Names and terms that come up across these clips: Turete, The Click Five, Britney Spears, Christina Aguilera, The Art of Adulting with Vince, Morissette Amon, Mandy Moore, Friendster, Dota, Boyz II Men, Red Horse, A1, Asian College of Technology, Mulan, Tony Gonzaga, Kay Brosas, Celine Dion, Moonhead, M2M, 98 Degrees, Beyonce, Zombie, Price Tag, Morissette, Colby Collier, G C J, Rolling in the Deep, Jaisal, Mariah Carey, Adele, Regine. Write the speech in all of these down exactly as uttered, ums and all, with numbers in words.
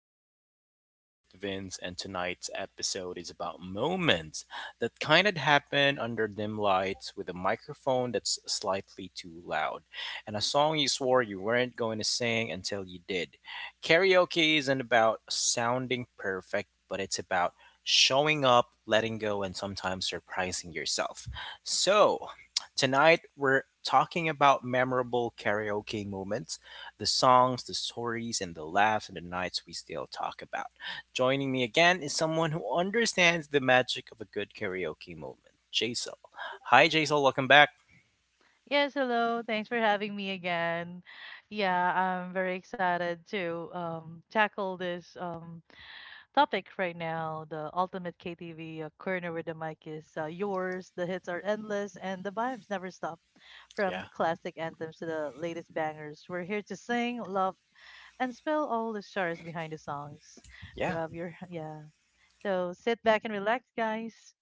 The Art of Adulting with Vince, and tonight's episode is about moments that kind of happen under dim lights with a microphone that's slightly too loud, and a song you swore you weren't going to sing until you did. Karaoke isn't about sounding perfect, but it's about showing up, letting go, and sometimes surprising yourself. So, tonight we're talking about memorable karaoke moments, the songs, the stories, and the laughs, and the nights we still talk about. Joining me again is someone who understands the magic of a good karaoke moment, Jaisal. Hi, Jaisal. Welcome back. Yes, hello. Thanks for having me again. Yeah, I'm very excited to um, tackle this um, topic right now. The ultimate K T V uh, corner where the mic is uh, yours. The hits are endless and the vibes never stop. From Yeah. classic anthems to the latest bangers, we're here to sing, love, and spill all the stars behind the songs. Yeah. Grab your, yeah. So sit back and relax, guys.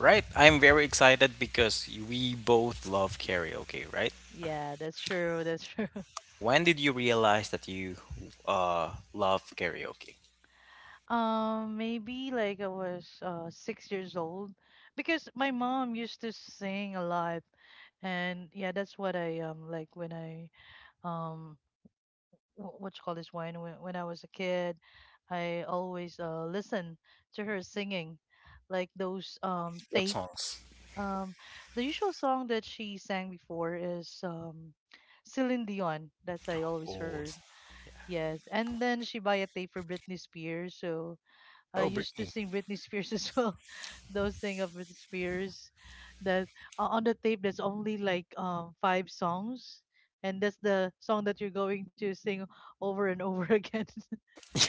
Right, I'm very excited because we both love karaoke, right? Yeah, that's true. That's true. When did you realize that you uh, love karaoke? Um, maybe like I was uh, six years old because my mom used to sing a lot, and yeah, that's what I um like when I um wh- what you call this when when when I was a kid, I always uh listen to her singing, like those um What tape, songs? um the usual song that she sang before is um Celine Dion. That's I always Oh. heard. Yes, and then she buy a tape for Britney Spears, so. I Oh, used to Britney. sing Britney Spears as well. Those thing of Britney Spears that o- on the tape that's only like um five songs and that's the song that you're going to sing over and over again.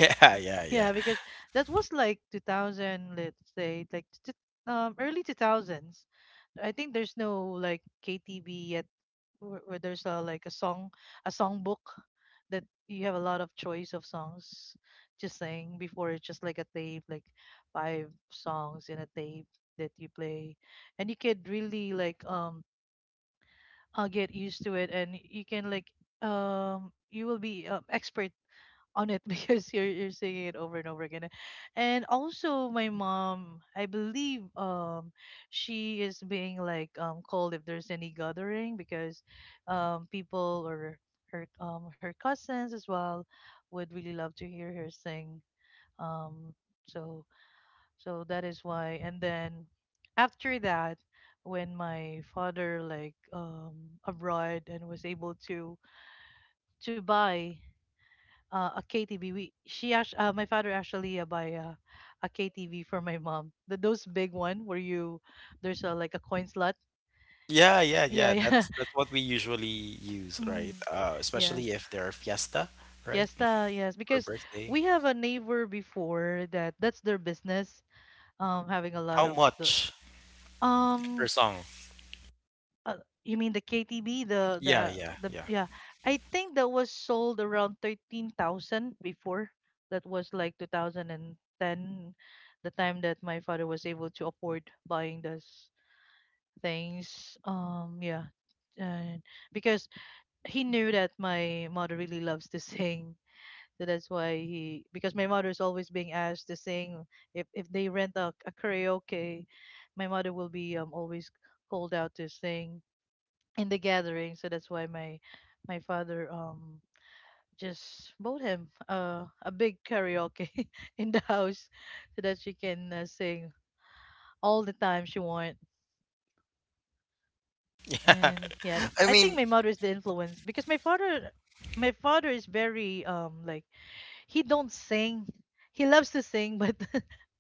Yeah, yeah, yeah. Yeah, because that was like two thousand, let's say, like t- t- um early two thousands. I think there's no like K T V yet where, where there's a like a song a song book that you have a lot of choice of songs, just saying before it's just like a tape like five songs in a tape that you play and you could really like um uh, get used to it and you can like um you will be um, expert on it because you're you're singing it over and over again. And also my mom, I believe um she is being like um called if there's any gathering because um people or her um her cousins as well would really love to hear her sing. Um so so that is why, and then after that when my father like um abroad and was able to to buy uh, a K T V. We She actually, uh, my father actually uh, buy uh, a K T V for my mom. The, those big one where you there's a, like a coin slot. Sh- Yeah, yeah, Yeah, yeah. yeah, That's that's what we usually use, right? mm, Uh, yeah. Especially if there are fiesta, right? Fiesta, yes, Or because birthday. we have a neighbor before that. That's their business. Um, having a lot How of the much per um song? Uh, you mean the K T B, the Yeah, the yeah, the yeah. yeah. I think that was sold around thirteen thousand before. That was like two thousand ten, the time that my father was able to afford buying those things. Um yeah. And because he knew that my mother really loves to sing. So that's why he, because my mother is always being asked to sing if if they rent a, a karaoke, my mother will be um always called out to sing in the gathering. So that's why my my father um just bought him uh, a big karaoke in the house so that she can uh, sing all the time she want, Yeah. and yeah, I I think mean, my mother is the influence because my father my father is very um like, he don't sing. He loves to sing, but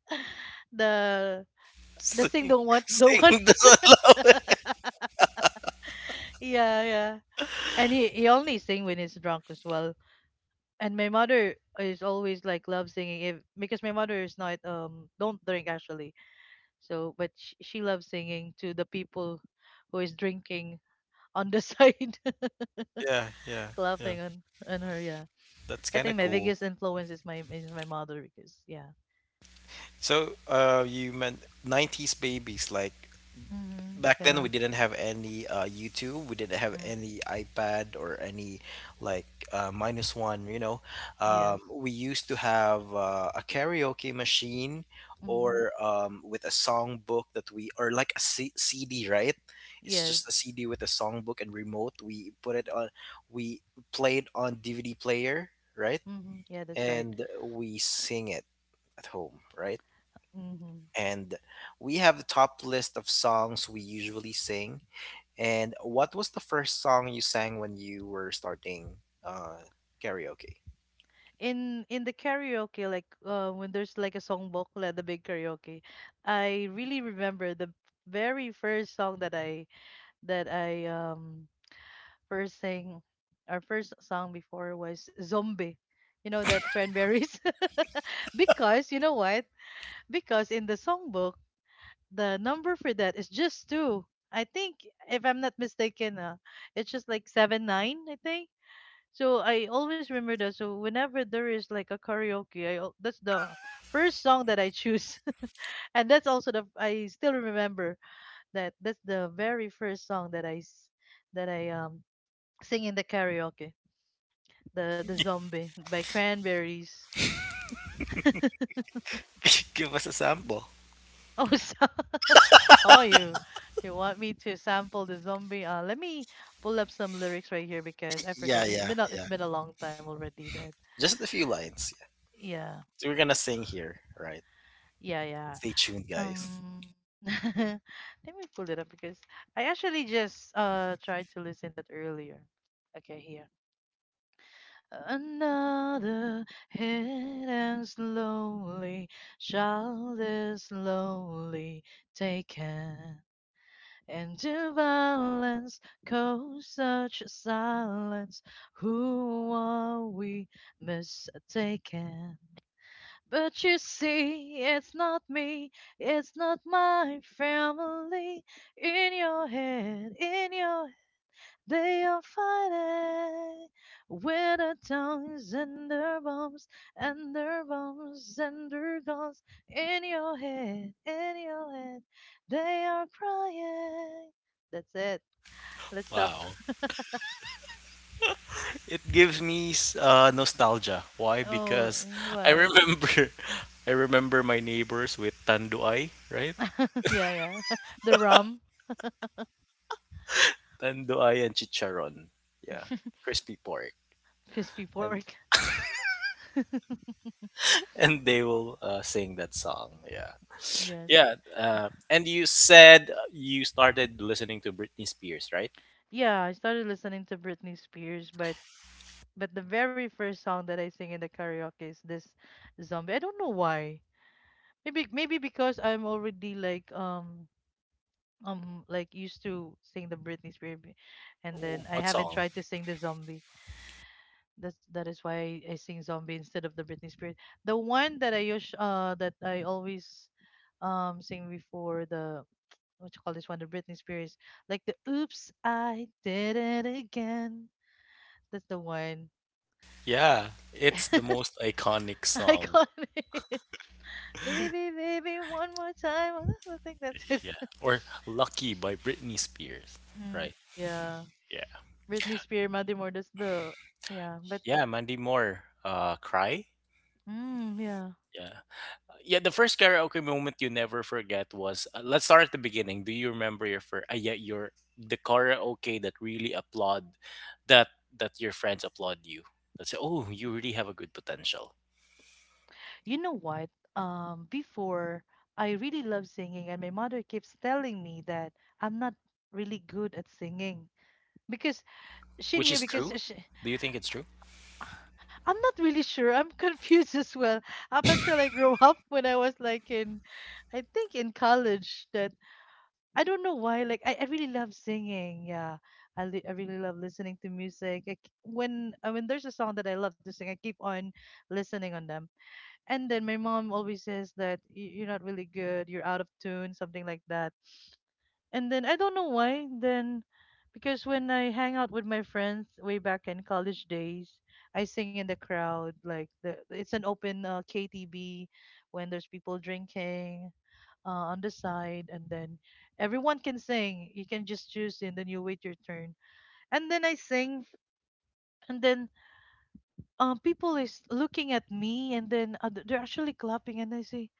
the the sing sing, don't want don't want sing doesn't love. yeah, yeah. And he, he only sing when he's drunk as well, and my mother is always like loves singing if, because my mother is not um don't drink actually, so but she, she loves singing to the people who is drinking on the side Yeah, yeah, yeah. laughing on on her, yeah. That's I kind think of my cool. biggest influence is my is my mother, because yeah. So, uh, you meant nineties babies, like Mm-hmm. back then we Yeah. didn't have any uh, YouTube, we didn't have Mm. any iPad or any like uh, minus one. You know, um, Yes. we used to have uh, a karaoke machine Mm-hmm. or um, with a song book that we, or like a C- CD, right? It's Yes. just a C D with a song book and remote. We put it on, we played on D V D player, right? Mm-hmm. Yeah, that's right. And we sing it at home, right? Mm-hmm. And we have the top list of songs we usually sing, and what was the first song you sang when you were starting uh, karaoke? in in the karaoke, like uh, when there's like a songbook like the big karaoke, I really remember the very first song that I that i um first sang. Our first song before was Zombie, you know, that Cranberries. Because you know what, because in the songbook, the number for that is just two, I think. If I'm not mistaken, uh, it's just like seven nine, I think. So I always remember that. So whenever there is like a karaoke, I al- that's the first song that I choose, and that's also the, I still remember that, that's the very first song that I s- that I um sing in the karaoke, the the Zombie by Cranberries. Give us a sample. Oh, so oh, you you want me to sample the Zombie? Uh, let me pull up some lyrics right here because I Yeah, forgot, because it's yeah, been a, it's yeah. been a long time already that, Just a few lines. Yeah. yeah, So we're gonna sing here, right? yeah, yeah. Stay tuned, guys. Um, Let me pull it up because I actually just uh tried to listen to it earlier. Okay, here. Another hit, and slowly shall this slowly taken. Into violence, cause such silence. Who are we mistaken? But you see, it's not me, it's not my family. In your head, in your, they are fighting with their tongues and their bombs and their bombs and their guns. In your head, in your head, they are crying. That's it. Let's stop. Wow. It gives me s- uh, nostalgia. Why? Oh, Because I why? remember I remember my neighbors with tanduay, right? Yeah, yeah. The rum, Tanduay and chicharon. Yeah. Crispy pork. crispy And pork. and they will uh, sing that song. Yeah. Yes. Yeah, uh, and you said you started listening to Britney Spears, right? Yeah, I started listening to Britney Spears, but but the very first song that I sing in the karaoke is this Zombie. I don't know why. Maybe maybe because I'm already like um um like used to sing the Britney Spears, b- and Oh. then I What haven't song? tried to sing the Zombie. That's that is why I, I sing Zombie instead of the Britney Spears. The one that I use, uh that I always um sing before, the what you call this one, the Britney Spears, like the "Oops, I Did It Again", that's the one. Yeah, it's the most iconic song. Iconic. "Baby, baby, one more time." I think that's it. Yeah, or "Lucky" by Britney Spears, Mm, right? yeah. Yeah, Britney Spears, Mandy Moore, that's the, yeah, but yeah, Mandy Moore, uh, "Cry." mm, yeah. Yeah, yeah. The first karaoke moment you never forget was. Uh, let's start at the beginning. Do you remember your first? Uh, yeah, your the karaoke that really applaud, that that your friends applaud you. That say, "Oh, you really have a good potential." You know what? Um, before, I really love singing, and my mother keeps telling me that I'm not really good at singing because she Which knew, is because true? she, Do you think it's true? I'm not really sure. I'm confused as well. Up until I grew up, when I was like in, I think in college, that I don't know why. Like I, I really love singing. Yeah, I, li- I really love listening to music. I, k- when uh, when there's a song that I love to sing, I keep on listening on them. And then my mom always says that, "Y- You're not really good. You're out of tune," something like that. And then I don't know why. Then because when I hang out with my friends way back in college days, I sing in the crowd. Like the it's an open uh, K T B when there's people drinking uh, on the side, and then everyone can sing, you can just choose, and then you wait your turn, and then I sing, and then um, people is looking at me, and then uh, th- they're actually clapping, and I say,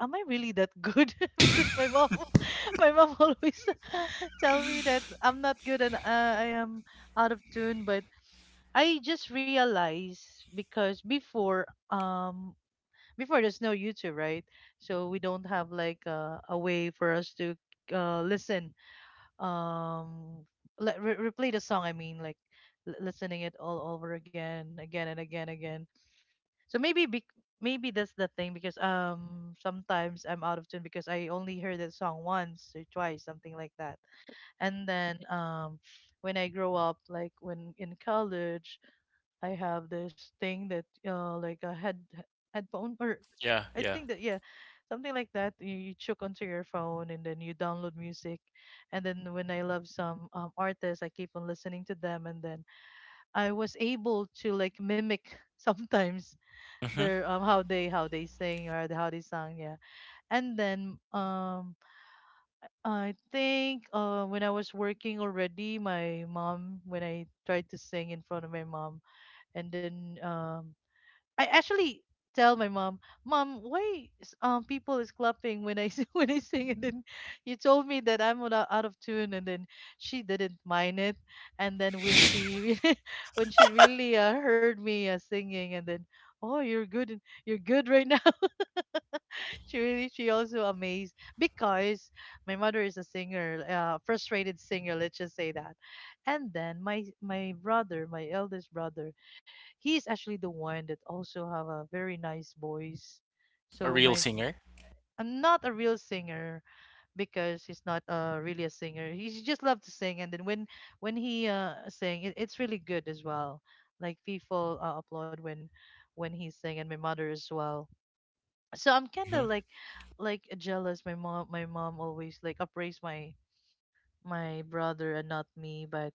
am I really that good? Because my mom my mom always tell me that I'm not good and uh, I am out of tune. But I just realized, because before, um before there's no YouTube, right? So we don't have like uh, a way for us to uh, listen, um let re- replay the song, I mean, like l- listening it all over again, again and again, again. So maybe bec maybe that's the thing, because um sometimes I'm out of tune because I only heard that song once or twice, something like that. And then um when I grow up, like when in college, I have this thing that uh like a head headphone or, Yeah, I yeah. think that, yeah, something like that. You, you choke onto your phone and then you download music, and then when I love some um artists, I keep on listening to them, and then I was able to like mimic sometimes Hmm. their um how they how they sing, or the-, how they sang, yeah. And then um I think uh when I was working already, my mom, when I tried to sing in front of my mom, and then um I actually tell my mom, "Mom, why is, um people is clapping when I s- when I sing?" And then you told me that I'm out out of tune, and then she didn't mind it. And then when she really, when she really uh, heard me uh, singing, and then, oh, you're good, in- you're good right now. She really, she also amazed, because my mother is a singer, uh, frustrated singer, let's just say that. And then my my brother, my eldest brother, he's actually the one that also have a very nice voice. A So real my singer? I'm not a real singer, because he's not uh, really a singer. He just love to sing, and then when when he uh sing, it, it's really good as well. Like people uh, applaud when when he sing, and my mother as well. So I'm kind of Hmm. like like jealous. My mom my mom always like appraise my my brother and not me. But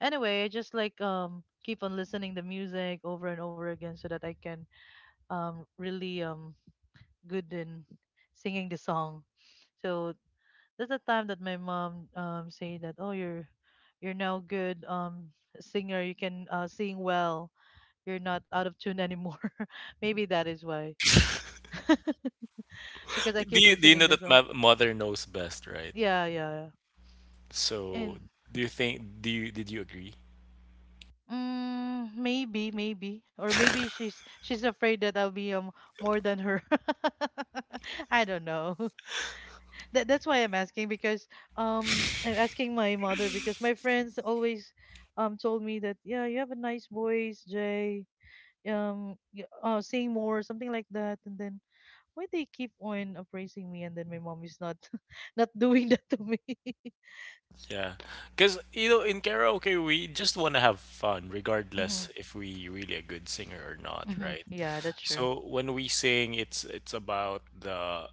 anyway, I just like um keep on listening the music over and over again so that I can um, really um, good in singing the song. So that's the time that my mom um, say that, oh, you're you're now good um, singer. You can uh, sing well. You're not out of tune anymore. Maybe that is why because I Do keep you do you know listening to that song. my mother knows best, right? Yeah, yeah, yeah. So And do you think do you did you agree? mm, maybe, maybe, or maybe she's she's afraid that I'll be um more than her. I don't know. that that's why I'm asking because um I'm asking my mother because my friends always um told me that, yeah, you have a nice voice, Jay, um y- uh sing more, something like that. And then why they keep on appraising me and then my mom is not not doing that to me. Yeah, because you know, in karaoke we just want to have fun, Mm-hmm, regardless if we really a good singer or not, mm-hmm, right? yeah, that's true. So when we sing, it's it's about the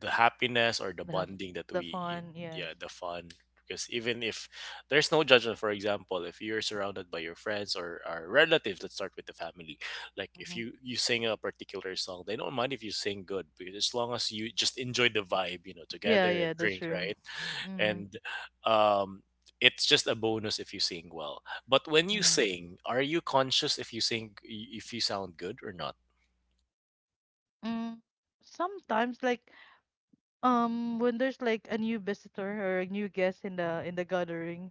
the happiness or the The bonding that the we, fun, yes. yeah, the fun, because even if there's no judgment, for example, if you're surrounded by your friends or our relatives, let's start with the family. Like Mm-hmm, if you you sing a particular song, they don't mind if you sing good because as long as you just enjoy the vibe, you know, yeah, together, yeah, and that's drink, true. right? Mm-hmm, And um it's just a bonus if you sing well. But when you mm-hmm. sing, are you conscious if you sing, if you sound good or not? mm Sometimes like Um, when there's like a new visitor or a new guest in the in the gathering,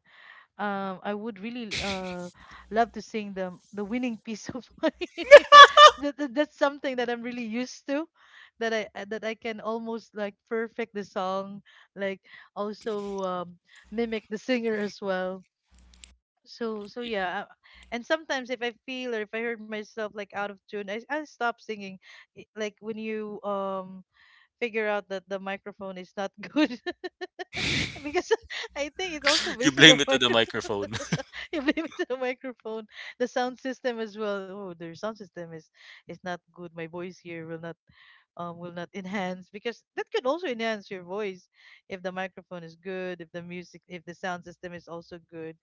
um, I would really uh love to sing the the winning piece of my. that, that, that's something that I'm really used to, that I uh, that I can almost like perfect the song, like also um mimic the singer as well. So so yeah, uh, and sometimes if I feel or if I heard myself like out of tune, I I stop singing. I- Like when you um figure out that the microphone is not good because I think it's also You based on blame the it to the micro. microphone. You blame it to the microphone, the sound system as well. Oh, their sound system is is not good. My voice here will not um will not enhance because that could also enhance your voice if the microphone is good, if the music, if the sound system is also good,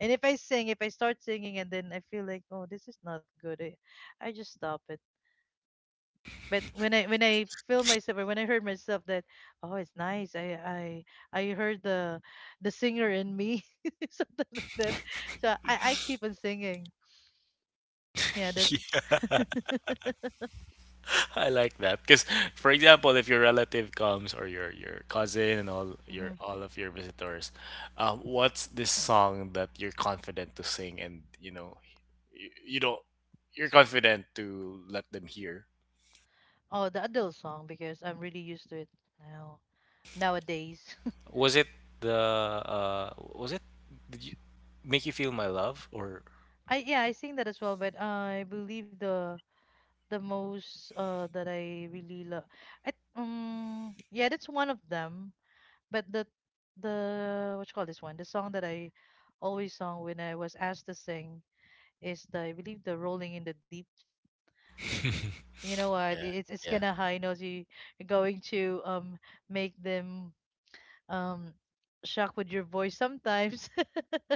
and if I sing, if I start singing and then I feel like, oh, this is not good, I, I just stop it. But when I when I feel myself or when I heard myself that, oh, it's nice, I I I heard the the singer in me, something like that. So I I keep on singing, yeah, that. I like that because, for example, if your relative comes or your your cousin and all your Hmm. all of your visitors, um, what's this song that you're confident to sing and you know, you, you don't, you're confident to let them hear? Oh, the adult song because I'm really used to it now, nowadays. Was it the uh, was it did you make you feel my love or? I, yeah, I sing that as well, but I believe the the most uh that I really love, I um yeah, that's one of them. But the the what you call this one? The song that I always sung when I was asked to sing is the, I believe, the Rolling in the Deep. You know what? It's it's Yeah. gonna high notes. You, you're going to um make them um shock with your voice sometimes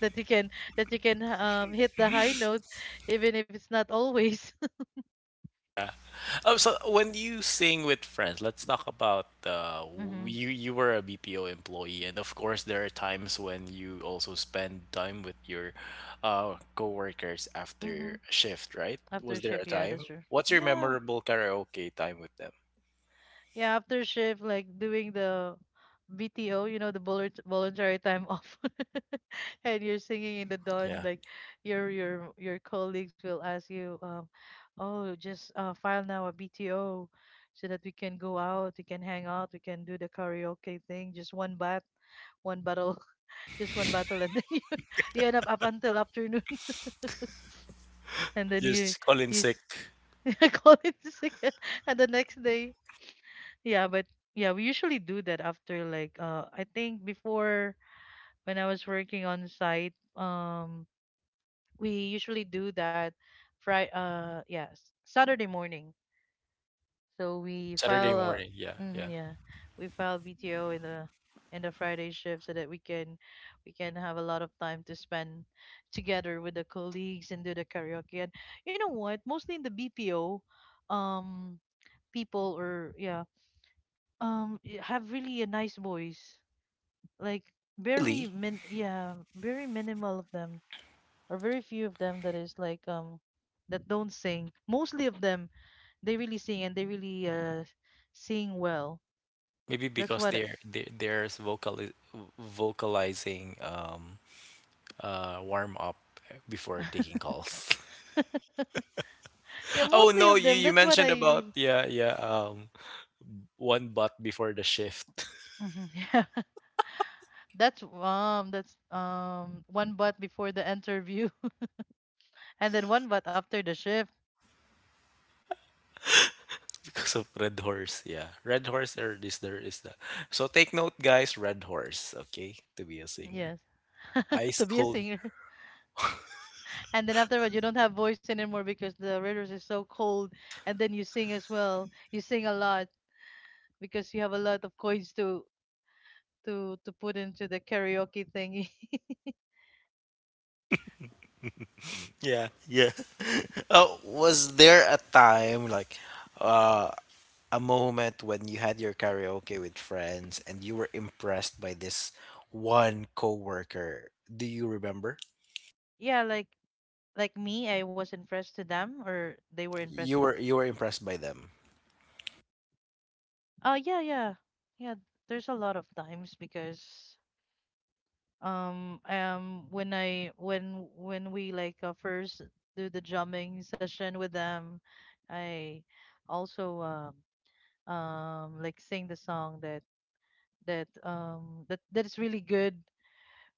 that you can that you can um hit the high note even if it's not always. Oh, so when you sing with friends, let's talk about uh, w- Mm-hmm. you. You were a B P O employee, and of course, there are times when you also spend time with your uh, coworkers Mm-hmm. after a shift, right? After Was there shift, a yeah, that's time? true. What's your Yeah. memorable karaoke time with them? Yeah, after shift, like doing the B T O, you know, the volun- voluntary time off, and you're singing in the dawn. Yeah, Like your your your colleagues will ask you, um, "Oh, just uh, file now a B T O, so that we can go out, we can hang out, we can do the karaoke thing. Just one bat, one battle, just one battle, and then you you end up up until afternoon, and then you just call in you sick. s- call it sick, and the next day." Yeah, but yeah, we usually do that after like uh I think before when I was working on site, um we usually do that Friday uh yes, Saturday morning. So we Saturday file uh morning. Yeah, mhm, yeah. yeah, we file B T O in the in the Friday shift so that we can we can have a lot of time to spend together with the colleagues and do the karaoke. And you know what? Mostly in the B P O um people or yeah, um y- have really a nice voice, like very Really? min, yeah, very minimal of them or very few of them that is like um that don't sing. Mostly of them, they really sing and they really uh sing well. Maybe That's because what they're they there's vocal vocalizing um uh warm up before taking calls. I- yeah, Oh mostly of no, you them, you that's what I mentioned about, really. yeah, yeah, um one bot before the shift. Mhm, yeah, that's um that's um one butt before the interview, and then one butt after the shift. Because of Red Horse, yeah, Red Horse or this, there is the, so take note, guys, Red Horse, okay, to be a singer. Yes. Ice To be a Cold. singer. And then after that, you don't have voice anymore because the radios is so cold. And then you sing as well. You sing a lot because you have a lot of coins to to to put into the karaoke thingy. Yeah, yeah. Oh, was there a time like uh a moment when you had your karaoke with friends and you were impressed by this one coworker, do you remember? Yeah, like like me, I was impressed to them, or they were impressed. You were you were impressed by them. Oh yeah, yeah, yeah. There's a lot of times because um um when I when when we like uh, first do the drumming session with them, I also um um like sing the song that that um that that is really good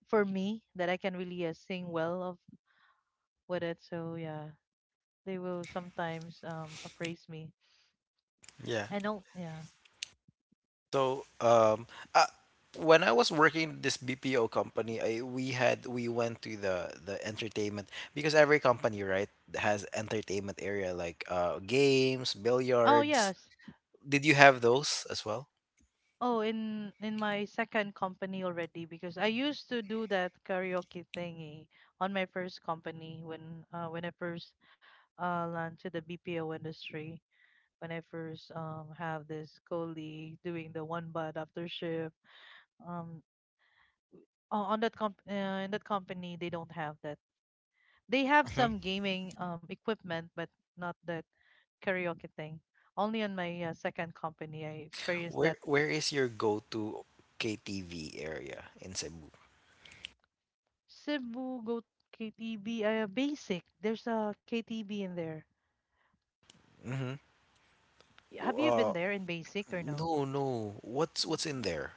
for me that I can really uh, sing well of with it. So yeah, they will sometimes um appraise me. Yeah. And oh yeah. So, um, uh, when I was working this B P O company, I we had we went to the the entertainment because every company, right, has entertainment area like uh games, Oh billiards. yes. Did you have those as well? Oh, in in my second company already because I used to do that karaoke thingy on my first company when uh when I first uh launched to the B P O industry. When I first um have this colleague doing the one bud after shift, um uh, on that comp uh, in that company they don't have that. They have some Hmm. gaming um equipment, but not that karaoke thing. Only on my uh, second company I experienced Where that. where is your go-to K T V area in Cebu? Cebu go K T B uh, basic. There's a K T B in there. Mm-hmm. Y- Have you been Uh, there in basic or no? no, no. What's what's in Mm. there?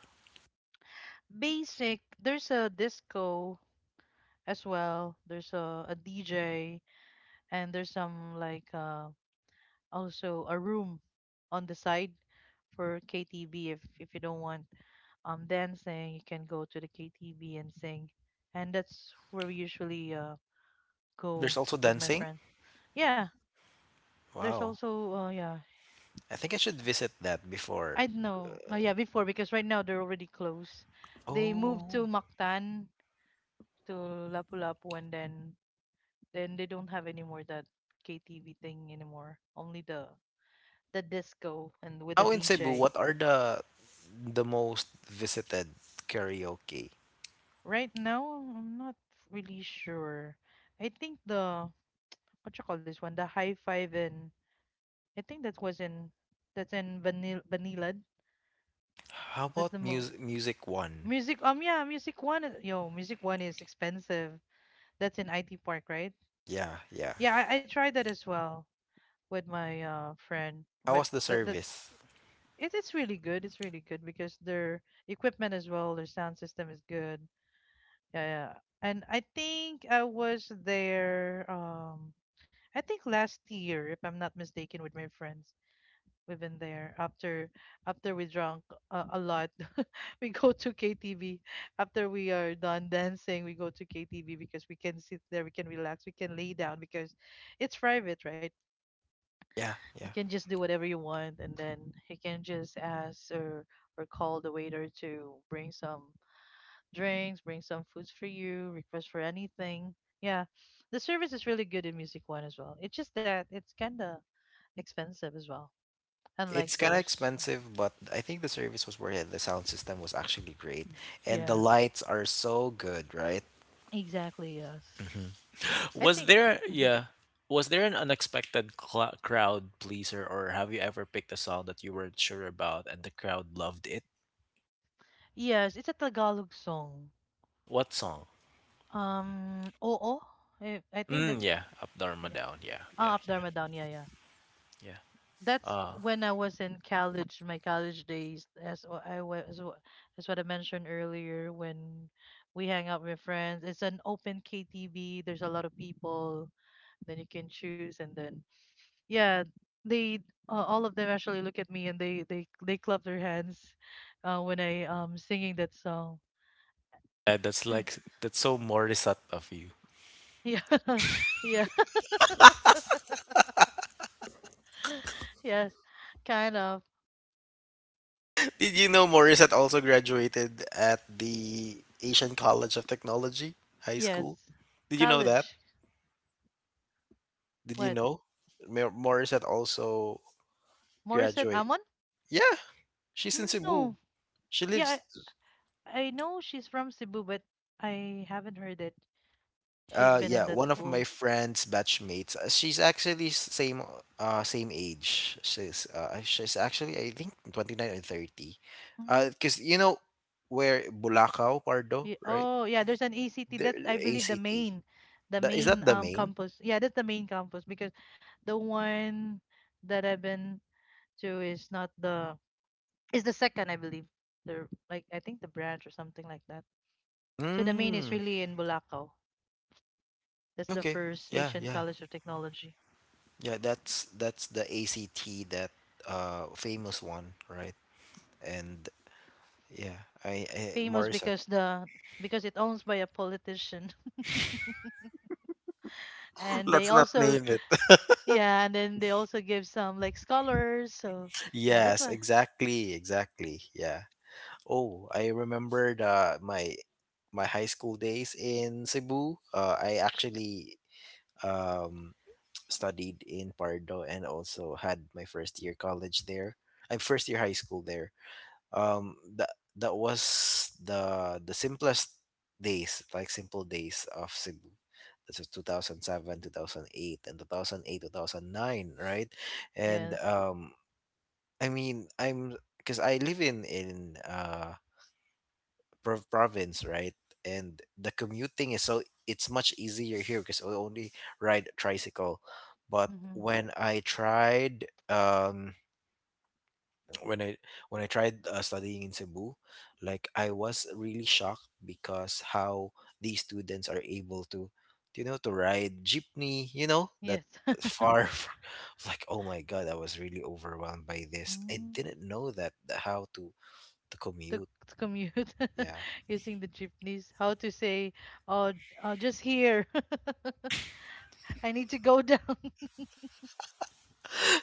Basic. There's a disco as well. There's a, a D J and there's some like uh, also a room on the side for K T V if if you don't want um dancing, you can go to the K T V and sing. And that's where we usually uh There's go also with my dancing. friends. Yeah, there's Wow. also uh yeah. I think I should visit that before. I don't know. Uh, yeah, before, because right now they're already closed. They moved to Oh. Mactan to Lapu-Lapu, and then then they don't have any more that K T V thing anymore. Only the the disco and with the Now in Cebu, D J. what are the the most visited karaoke? Right now, I'm not really sure. I think the what you call this one, the high five, and I think that was in that's in vanilla, vanilla. How That's the about mo music music one? Music. Um, yeah, music one is- yo, music one is expensive. That's in I T Park, right? Yeah, yeah. Yeah, I, I tried that as well with my uh friend, How but was the that that's service? it, it's really good. It's really good because their equipment as well, their sound system is good. Yeah, yeah. And I think I was there um I think last year, if I'm not mistaken, with my friends. We've been there after after we drunk a, a lot. We go to K T V after we are done dancing. We go to K T V because we can sit there, we can relax, we can lay down because it's private, right? Yeah, You yeah. can just do whatever you want, and then you can just ask or or call the waiter to bring some drinks, bring some foods for you, request for anything. Yeah, the service is really good in Music One as well. It's just that it's kind of expensive as well, unlike It's kind of those. expensive, but I think the service was worth it. The sound system was actually great, Mm, and the yeah, lights are so good, right? exactly. Yes, Mhm. I Was think, there, mhm. yeah? Was there an unexpected cla crowd pleaser, or have you ever picked a song that you weren't sure about and the crowd loved it? Yes, it's a Tagalog song. What song? Um, oo. I, I think Mm, that's, yeah, up, Dharma, yeah. down. Yeah, Ah, yeah. up Dharma down. Yeah, yeah. Yeah. That's Uh, when I was in college, my college days, as wha- I was, as wha- as what I mentioned earlier, when we hang out with friends. It's an open K T V. There's a lot of people. Then you can choose, and then yeah, they uh, all of them actually look at me and they they they clap their hands uh, when I um singing that song. yeah, that's And like that's so Morissette of you. yeah, yeah, yes, kind of. Did you know Morissette also graduated at the Asian College of Technology High School? Yes. Did you know that? College. Did you What? know? Mo- Morissette also Morissette graduate. Amon? Yeah, she's in Cebu. No. She Yeah, lives. I know she's from Cebu, but I haven't heard it. She's Uh, been in yeah, that one of my school. friend's batchmates. uh, She's actually s- same uh same age. She's uh she's actually I think twenty-nine or thirty. Uh, Mm. because you know where Bulacau, Pardo, Ye- right? Oh, yeah, there's an E C T. There That's, I believe, the A C T. main, the That is main that the um main? campus. Yeah, that's the main campus because the one that I've been to is not the is the second, I believe. The, like, I think the branch or something like that. So the main is Mm, really in Bulacaw. That's the okay. first Yeah, Asian yeah. College of Technology. Yeah, that's that's the A C T, that uh famous one, right? And yeah, I, I Famous Morissette. because the because it owns by a politician and they Let's not also. name it. Yeah, and then they also give some like scholars. So yeah, that's Yes, why. exactly, exactly. Yeah. Oh, I remember the my my high school days in Cebu. Uh, I actually um, studied in Pardo and also had my first year college there. I'm first year high school there. Um, that that was the the simplest days, like simple days of Cebu. This was two thousand seven, two thousand eight, and two thousand eight, two thousand nine, right? And Yes. um, I mean, I'm because I live in in uh prov- province, right? And the commuting is so it's much easier here because I only ride tricycle. But Hmm. when I tried um when I when I tried uh, studying in Cebu, like I was really shocked because how these students are able to, you know, to ride jeepney, you know, that Yes. far f- like oh my god, I was really overwhelmed by this. I Mm, didn't know that the- how to to to, commute. to commute Yeah. using the jeepneys. How to say, oh, oh, just here. I need to go down.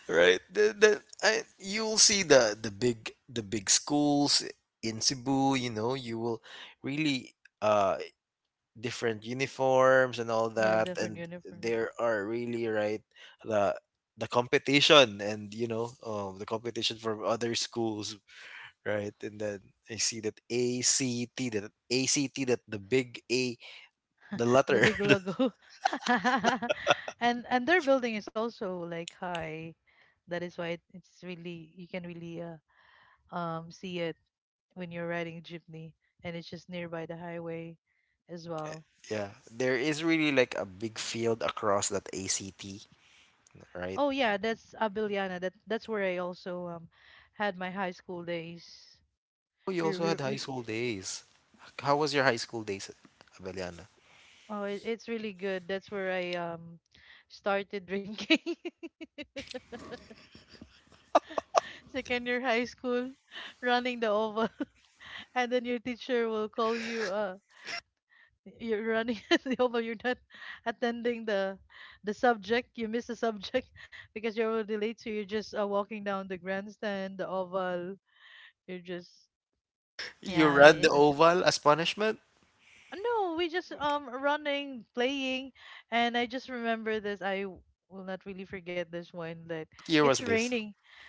Right? The, the I, you'll see the the big the big schools in Cebu. You know, you will really uh different uniforms and all Yeah, that, different and uniform. there are really right the the competition and you know um, the competition from other schools, right? And then I see that A C T, that A C T that the big A, the The letter. big logo. And and their building is also like high. That is why it, it's really you can really uh, um see it when you're riding jeepney, and it's just nearby the highway as well. Yeah, there is really like a big field across that A C T, right? Oh yeah, that's Abiliana. That that's where I also um had my high school days. Oh, you We, also we, had high we school days. How was your high school days, Abeliana? oh it, it's really good. That's where I um started drinking. Second year high school, running the oval, and then your teacher will call you uh you're running, although you're not attending the the subject. You miss the subject because you're already late, so you're just uh, walking down the grandstand, the oval, you're just— You yeah, ran the it— oval as punishment? uh, no, we just um running, playing. And I just remember this, I w- will not really forget this one. That What year it's was this? raining,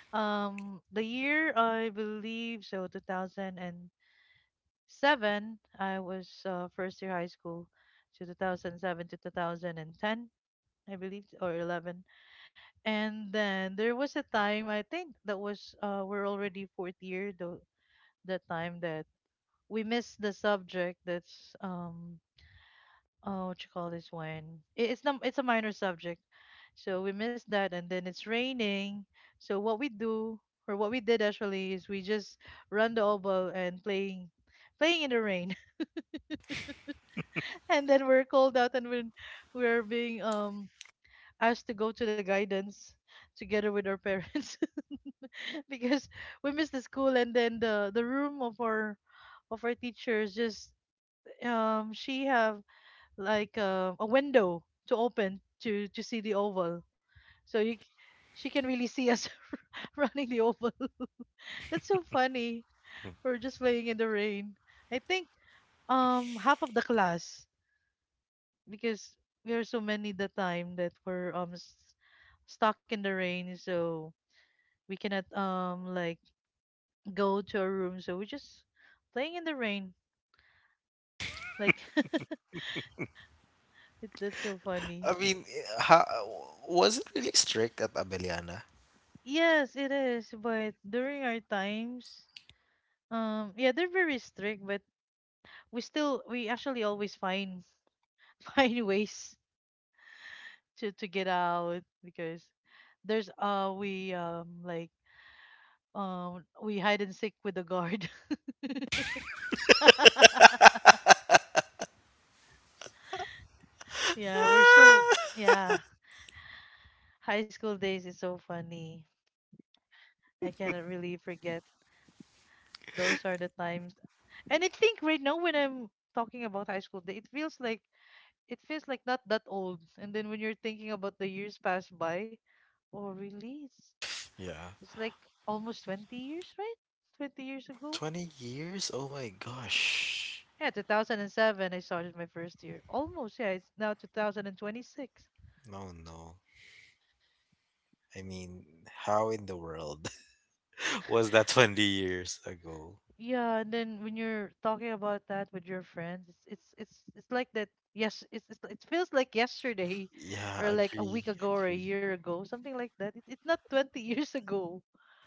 um the year, I believe, so two thousand seven. I was uh, first year high school, so two thousand seven to two thousand ten, I believe, or eleven. And then there was a time, I think that was, uh, we're already fourth year, the— the time that we missed the subject. That's, um, oh, what you call this one? It, it's, not, it's a minor subject. So we missed that, and then it's raining. So what we do, or what we did actually, is we just run the oboe and playing, playing in the rain. And then we're called out, and when we're being, um, asked to go to the guidance together with our parents because we missed the school. And then the— the room of our of our teachers just— um she have like uh, a window to open to— to see the oval. So you c- she can really see us running the oval. That's so funny. We're just playing in the rain, I think, um half of the class, because we are so many. The time that we're um s- stuck in the rain, so we cannot um like go to our room. So we just playing in the rain. Like, it, that's so funny. I mean, ha- was it really strict at Abeliana? Yes, it is. But during our times, um, yeah, they're very strict. But we still, we actually always find find ways to— to get out, because there's— uh we um like um we hide and seek with the guard. Yeah, we're so— Ah! yeah. High school days is so funny. I cannot really forget. Those are the times. And I think right now, when I'm talking about high school, it feels like— it feels like not that old. And then when you're thinking about the years passed by, oh really? It's— Yeah. it's like almost twenty years, right? twenty years ago. twenty years? Oh my gosh. Yeah, two thousand seven I started my first year. Almost, yeah, it's now two thousand twenty-six. No, no. I mean, how in the world was that twenty years ago? Yeah, and then when you're talking about that with your friends, it's it's it's, it's like that. Yes, it's— it's— it feels like yesterday, or Yeah, like a week agree, ago or a agree. year ago, something like that. It, it's not twenty years ago.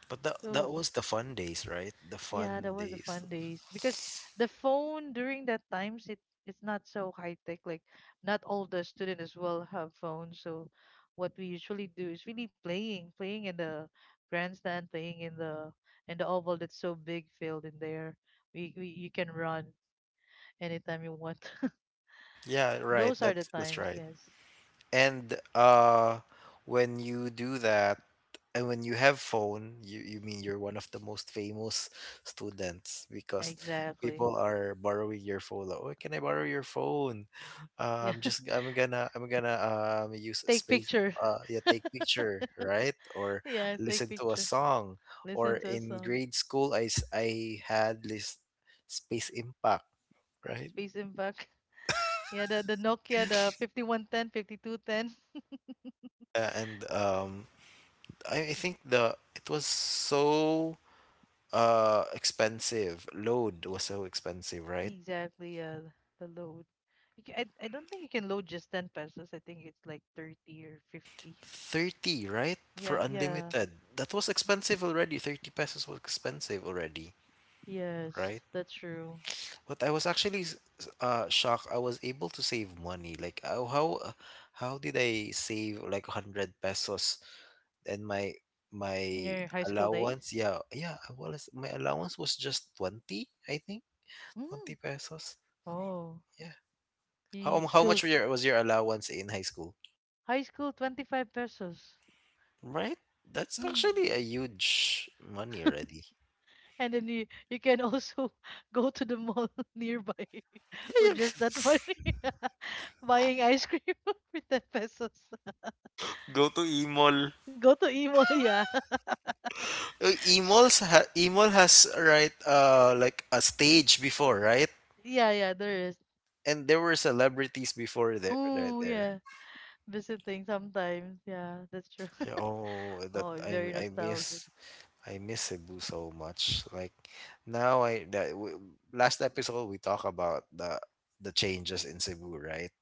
But that that So was the fun days, right? The yeah, that fun was the days. fun days, because the phone during that times, it— it's not so high tech. Like not all the student as well have phones. So what we usually do is really playing, playing in the grandstand, playing in the in the oval. That's so big field in there. We, we you can run anytime you want. Yeah, right. Those are the That's that's times. right. Yes, And uh when you do that and when you have phone, you you mean you're one of the most famous students because exactly. people are borrowing your phone. Like, oh, can I borrow your phone? Uh, Yeah, I'm just I'm gonna I'm gonna um use a take space, picture. uh yeah, take picture, right? Or Yeah, take listen to a picture. song. Or Listen to a in song. grade school I s- I had this space impact, right? Space impact. Yeah, the, the Nokia, the fifty-one ten. Uh, and um I, I think the it was so uh expensive. Load was so expensive, right? Exactly, yeah, the load. You can, I, I don't think you can load just ten pesos. I think it's like thirty or fifty. thirty, right? Yeah, For yeah. unlimited. That was Mm. expensive already. thirty pesos was expensive already, Yes, right? that's true. But I was actually s- s- uh shocked. I was able to save money. Like how how uh, how did I save like one hundred pesos, and my In my your high school days? allowance? Yeah, yeah, I was my allowance was just twenty, I think. twenty Mm. pesos. Oh, Yeah. How you how still— much was your, was your allowance in high school? high school twenty-five pesos. Right? That's Mm. actually a huge money already. And then you, you can also go to the mall nearby Yeah, with yeah. just that money, buying ice cream with ten pesos. Go to Imol. Go to Imo, yeah. Uh, Sh— Emol's ha- Emol has right uh like a stage before, right? yeah, yeah, there is. And there were celebrities before there right Oh, there. yeah. Visiting sometimes. Yeah, that's true. Yeah, oh, that Oh, I very I nostalgic. miss. I miss Cebu so much. Like now, I that w last episode we talk about the the changes in Cebu, right?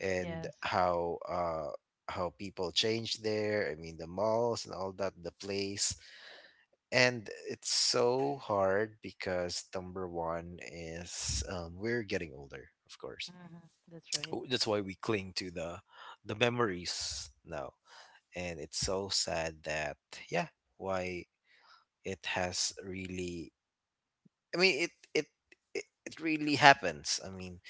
And Yes. how uh how people change there. I mean, the malls and all that, the place. And it's so hard because number one is um, we're getting older, of course. Hmm. That's right. W- That's why we cling to the the memories now. And it's so sad that yeah, why it has really I mean, it it it, it really happens. I mean,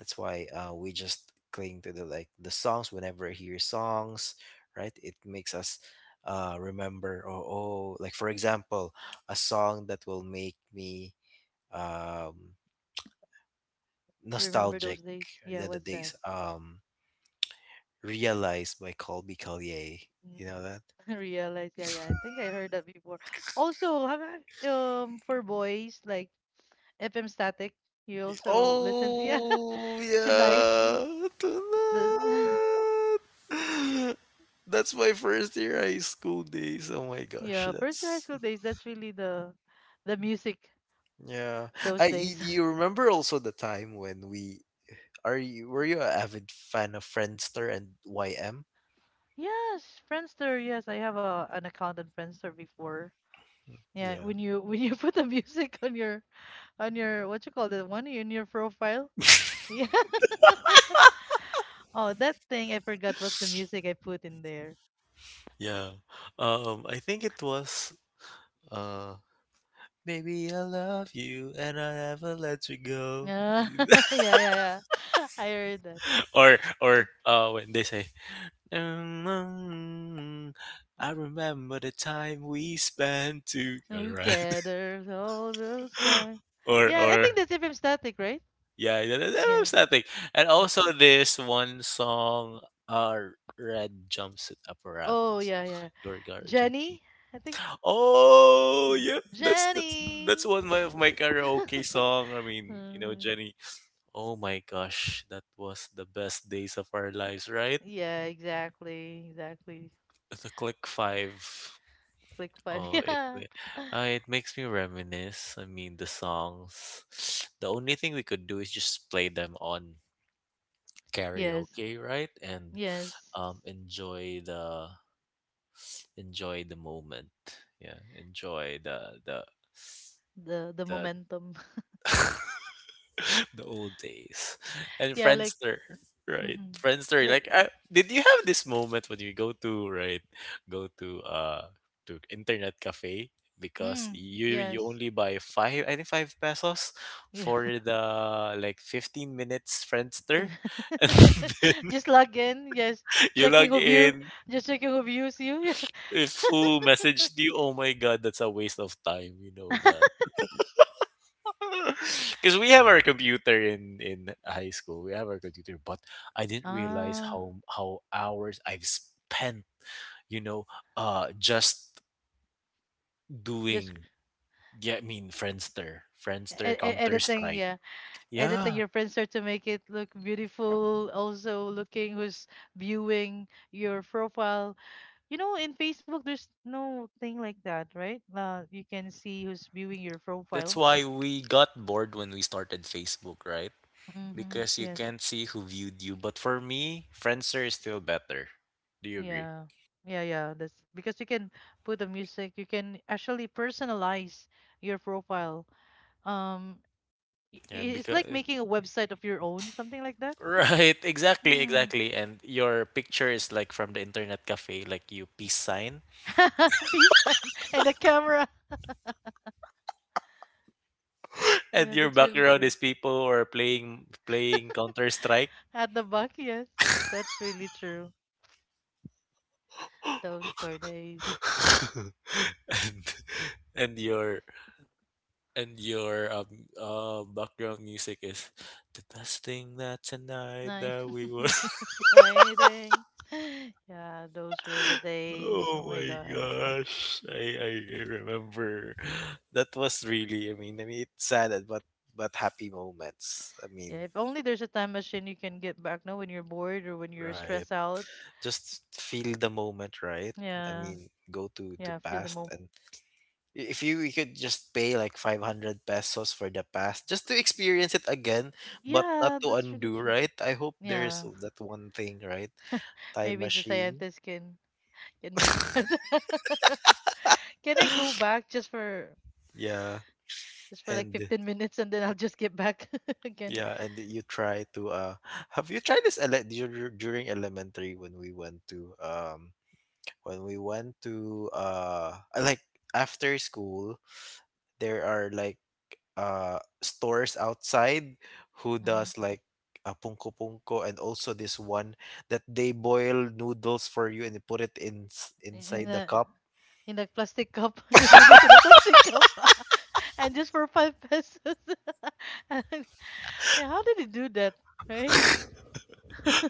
that's why uh, we just cling to the like the songs whenever I hear songs, right? It makes us uh, remember. Oh, oh, like for example, a song that will make me um, Remember nostalgic. those days? The Yeah, other what's that? days, um, realized by Colby Collier. Mm. You know that? Realize, yeah, yeah. I think I heard that before. Also, have I- um for boys like F M Static, you also listen, yeah, Oh tonight. The, yeah, the tonight. That's my first year high school days. Oh my yeah, gosh, first year high that's school days, that's really the— the music yeah. those I y- days. Do you remember also the time when we are you were you an avid fan of Friendster and Y M? Yes, Friendster. Yes, I have a an account on Friendster before. Yeah, Yeah. when you when you put the music on your on your what you call that one in your profile. Yeah. Oh, that thing, I forgot what's the music I put in there. Yeah. Um I think it was uh maybe I love you and I never let you go. Uh, yeah, yeah, yeah. I heard that. or or uh when they say, "Mm, mm, mm, I remember the time we spent together," right? Together all those time. or Yeah, I think or that's F M Static, right? Yeah, that, that, that Yeah, was that thing. And yeah. also this one song, uh, Red Jumpsuit Oh, Apparatus, yeah, yeah. Your Guardian Jenny, I think— Angel. Oh, hmm. yeah, that's that's that's Jenny. one of my of my karaoke song. I mean, you know, Mm, Jenny. Oh my gosh, that was the best days of our lives, right? yeah, exactly, exactly. The Click Five. Click five. Oh, it Yeah. uh, it makes me reminisce. I mean, the songs. The only thing we could do is just play them on Yes. karaoke, right? And Yes. um, enjoy the enjoy the moment. Yeah, enjoy the the The— the the momentum. the old days and Yeah, like, Friendster, right? mhm. Friendster, Like, like, I, did you have this moment when you go to right, go to uh to internet cafe because mm, you you yes. only buy five I think five pesos Yeah. for the like fifteen minutes Then— Friendster, and then just log in. Yes. you Checking log who view. in. Just checking who views you. Yeah. If who messaged you, oh my god, that's a waste of time. You know that. Because we have our computer in in high school, we have our computer, but I didn't realize Ah. how how hours I've spent. You know, uh, just Just doing. Yeah, I mean Friendster, Friendster, e- e- Counter editing, Strike. yeah, editing Yeah, your friendster to make it look beautiful. Also, looking who's viewing your profile. You know, in Facebook, there's no thing like that, right? Uh, you can see who's viewing your that's profile. why we got bored when we started Facebook, right? Mm-hmm. Because you Yes. can't see who viewed you. But for me, Friendster is still better. Do you agree? Yeah. Yeah, yeah. That's because you can put the music, you can actually personalize your profile. Um, i- Yeah, i- it's like because making a website of your own, something like that. Right, exactly, Hmm. exactly. And your picture is like from the internet cafe, like you peace sign, Peace and— and the camera. and Yeah, your that's really background is true. people who are playing playing Counter Strike, At the back, yes. That's really true. Those are days. and and your and your um uh background music is the best thing that tonight Night that we will. fighting. Yeah, those were the days. Oh Oh my my god. gosh, I, I I remember that was really I mean I mean it's sad but but happy moments. I mean Yeah, if only there's a time machine you can get back now when you're bored or when you're right. stressed out. Just feel the moment, right? I Yeah. mean, go to to Yeah, feel the past moment. and i- if you, you could just pay like five hundred pesos for the past just to experience it again, but Yeah, not to that's really undo, true. right? I hope there is Yeah. that one thing, right? Time Maybe the machine. scientists can— can make that. Can I go back just for— Yeah. just for like And fifteen minutes, and then I'll just get back again? yeah, and you try to uh have you tried this ele- dur- during elementary when we went to um when we went to uh like after school there are like uh stores outside who does like uh, punko punko and also this one that they boil noodles for you and they put it in s- inside the Mm-hmm. cup. In a plastic cup, noodles in a plastic cup, and just for five pesos. And, yeah, how did he do that, right?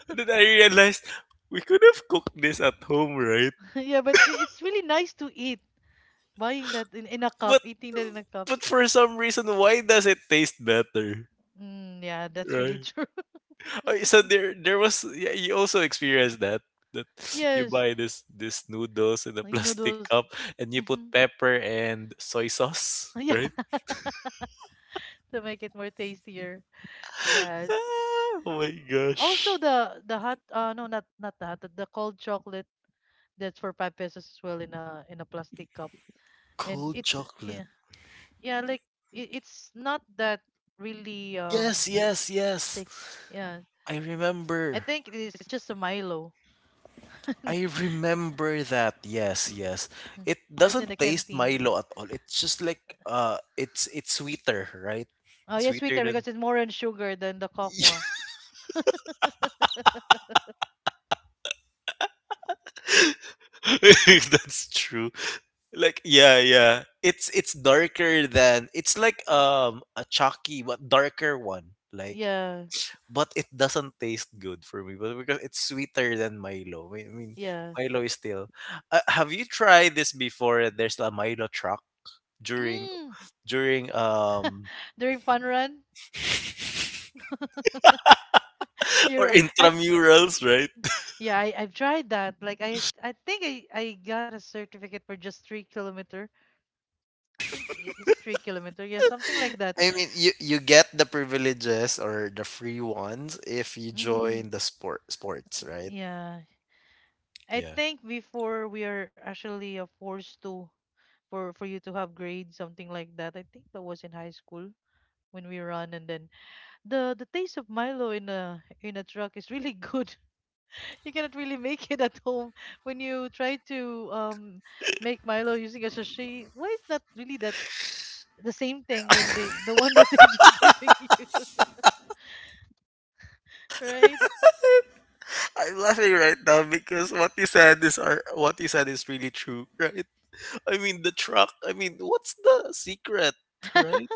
And then I realized we could have cooked this at home, right? Yeah, but it, it's really nice to eat. Buying that in, in a cup, But eating that in a cup. but for some reason, why does it taste better, Mm, yeah, that's really right? true. Oh, so there there was yeah, you also experienced that that you Yes, buy this this noodles in a you know plastic those. cup and you put Hmm. pepper and soy sauce, Yeah, right? to make it more tastier. Yes. Ah, oh my Also gosh. the— the hot— uh no, not— not the hot, the cold chocolate, that's for five pesos as well in a in a plastic cup, and Cold it's— chocolate. yeah. Yeah, like it, it's not that really, um Yes, yes, yes. like, yeah, I I remember. think it is just a Milo. I remember that. Yes, yes. Yeah, It that's in the doesn't taste canteen. Milo at all. It's just like uh it's it's sweeter, right? Oh yeah, Sweeter sweeter than because it's more on sugar than the cocoa. that's true. Like yeah, yeah. It's it's darker than it's like um a chalky but darker one. Like Yeah. but it doesn't taste good for me, but because it's sweeter than Milo. I mean, Yeah. Milo is still. Uh, have you tried this before? There's a Milo truck during Mm, during um during fun run. You're or ri- I intramurals, right? yeah, I, I've tried that, like I s- I think I— I got a certificate for just three kilometer, I think. I- is it three kilometer? Yeah, something like that. I mean, you you get the privileges or the free ones if you Mm-hmm. join the sport sports, right? Yeah, I think before we are actually uh, forced to— for— for you to have grades, something like that. I think that was in high school when we run. And then the— the taste of Milo in a— in a truck is really good. You cannot really make it at home when you try to um make Milo using a sachet. Why is not really that the same thing when they— the one that they just giving you, right? I'm laughing right now because what you said is are what you said is really true, right? I mean the truck. I mean, what's the secret, right?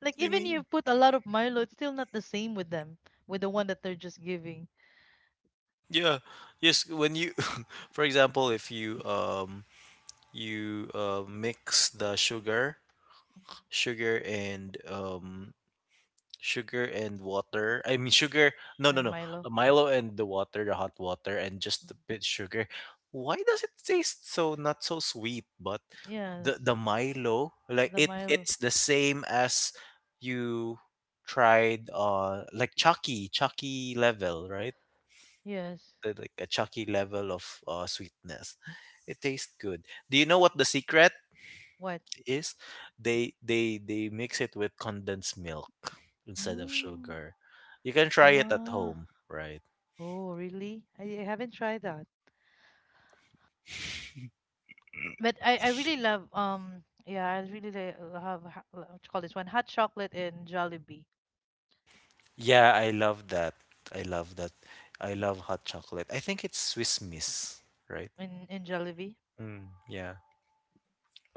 Like I even you mean, put a lot of Milo, it's still not the same with them, with the one that they're just giving— yeah, yes. When you, for example, if you um you uh, mix the sugar, sugar and um sugar and water. I mean, sugar. No, no, and no. Milo. Uh, Milo and the water, the hot water, and just a bit sugar. Why does it taste so not so sweet? But Yes, the the Milo, like the it, Milo. it's the same as you tried. Uh, like Chucky, Chucky level, right? Yes. The- Like a Chucky level of uh, sweetness. It tastes good. Do you know what the secret What? is? They they they mix it with condensed milk instead of Mm. sugar. You can try it at Ah, home, right? oh, really? I, I haven't tried that. But I, I really love— um yeah, I really li- uh, have ha- uh, what you call this one, hot chocolate in Jollibee. Yeah, I love that. I love that. I love hot chocolate. I think it's Swiss Miss, right? In— in Jollibee. Mm, yeah.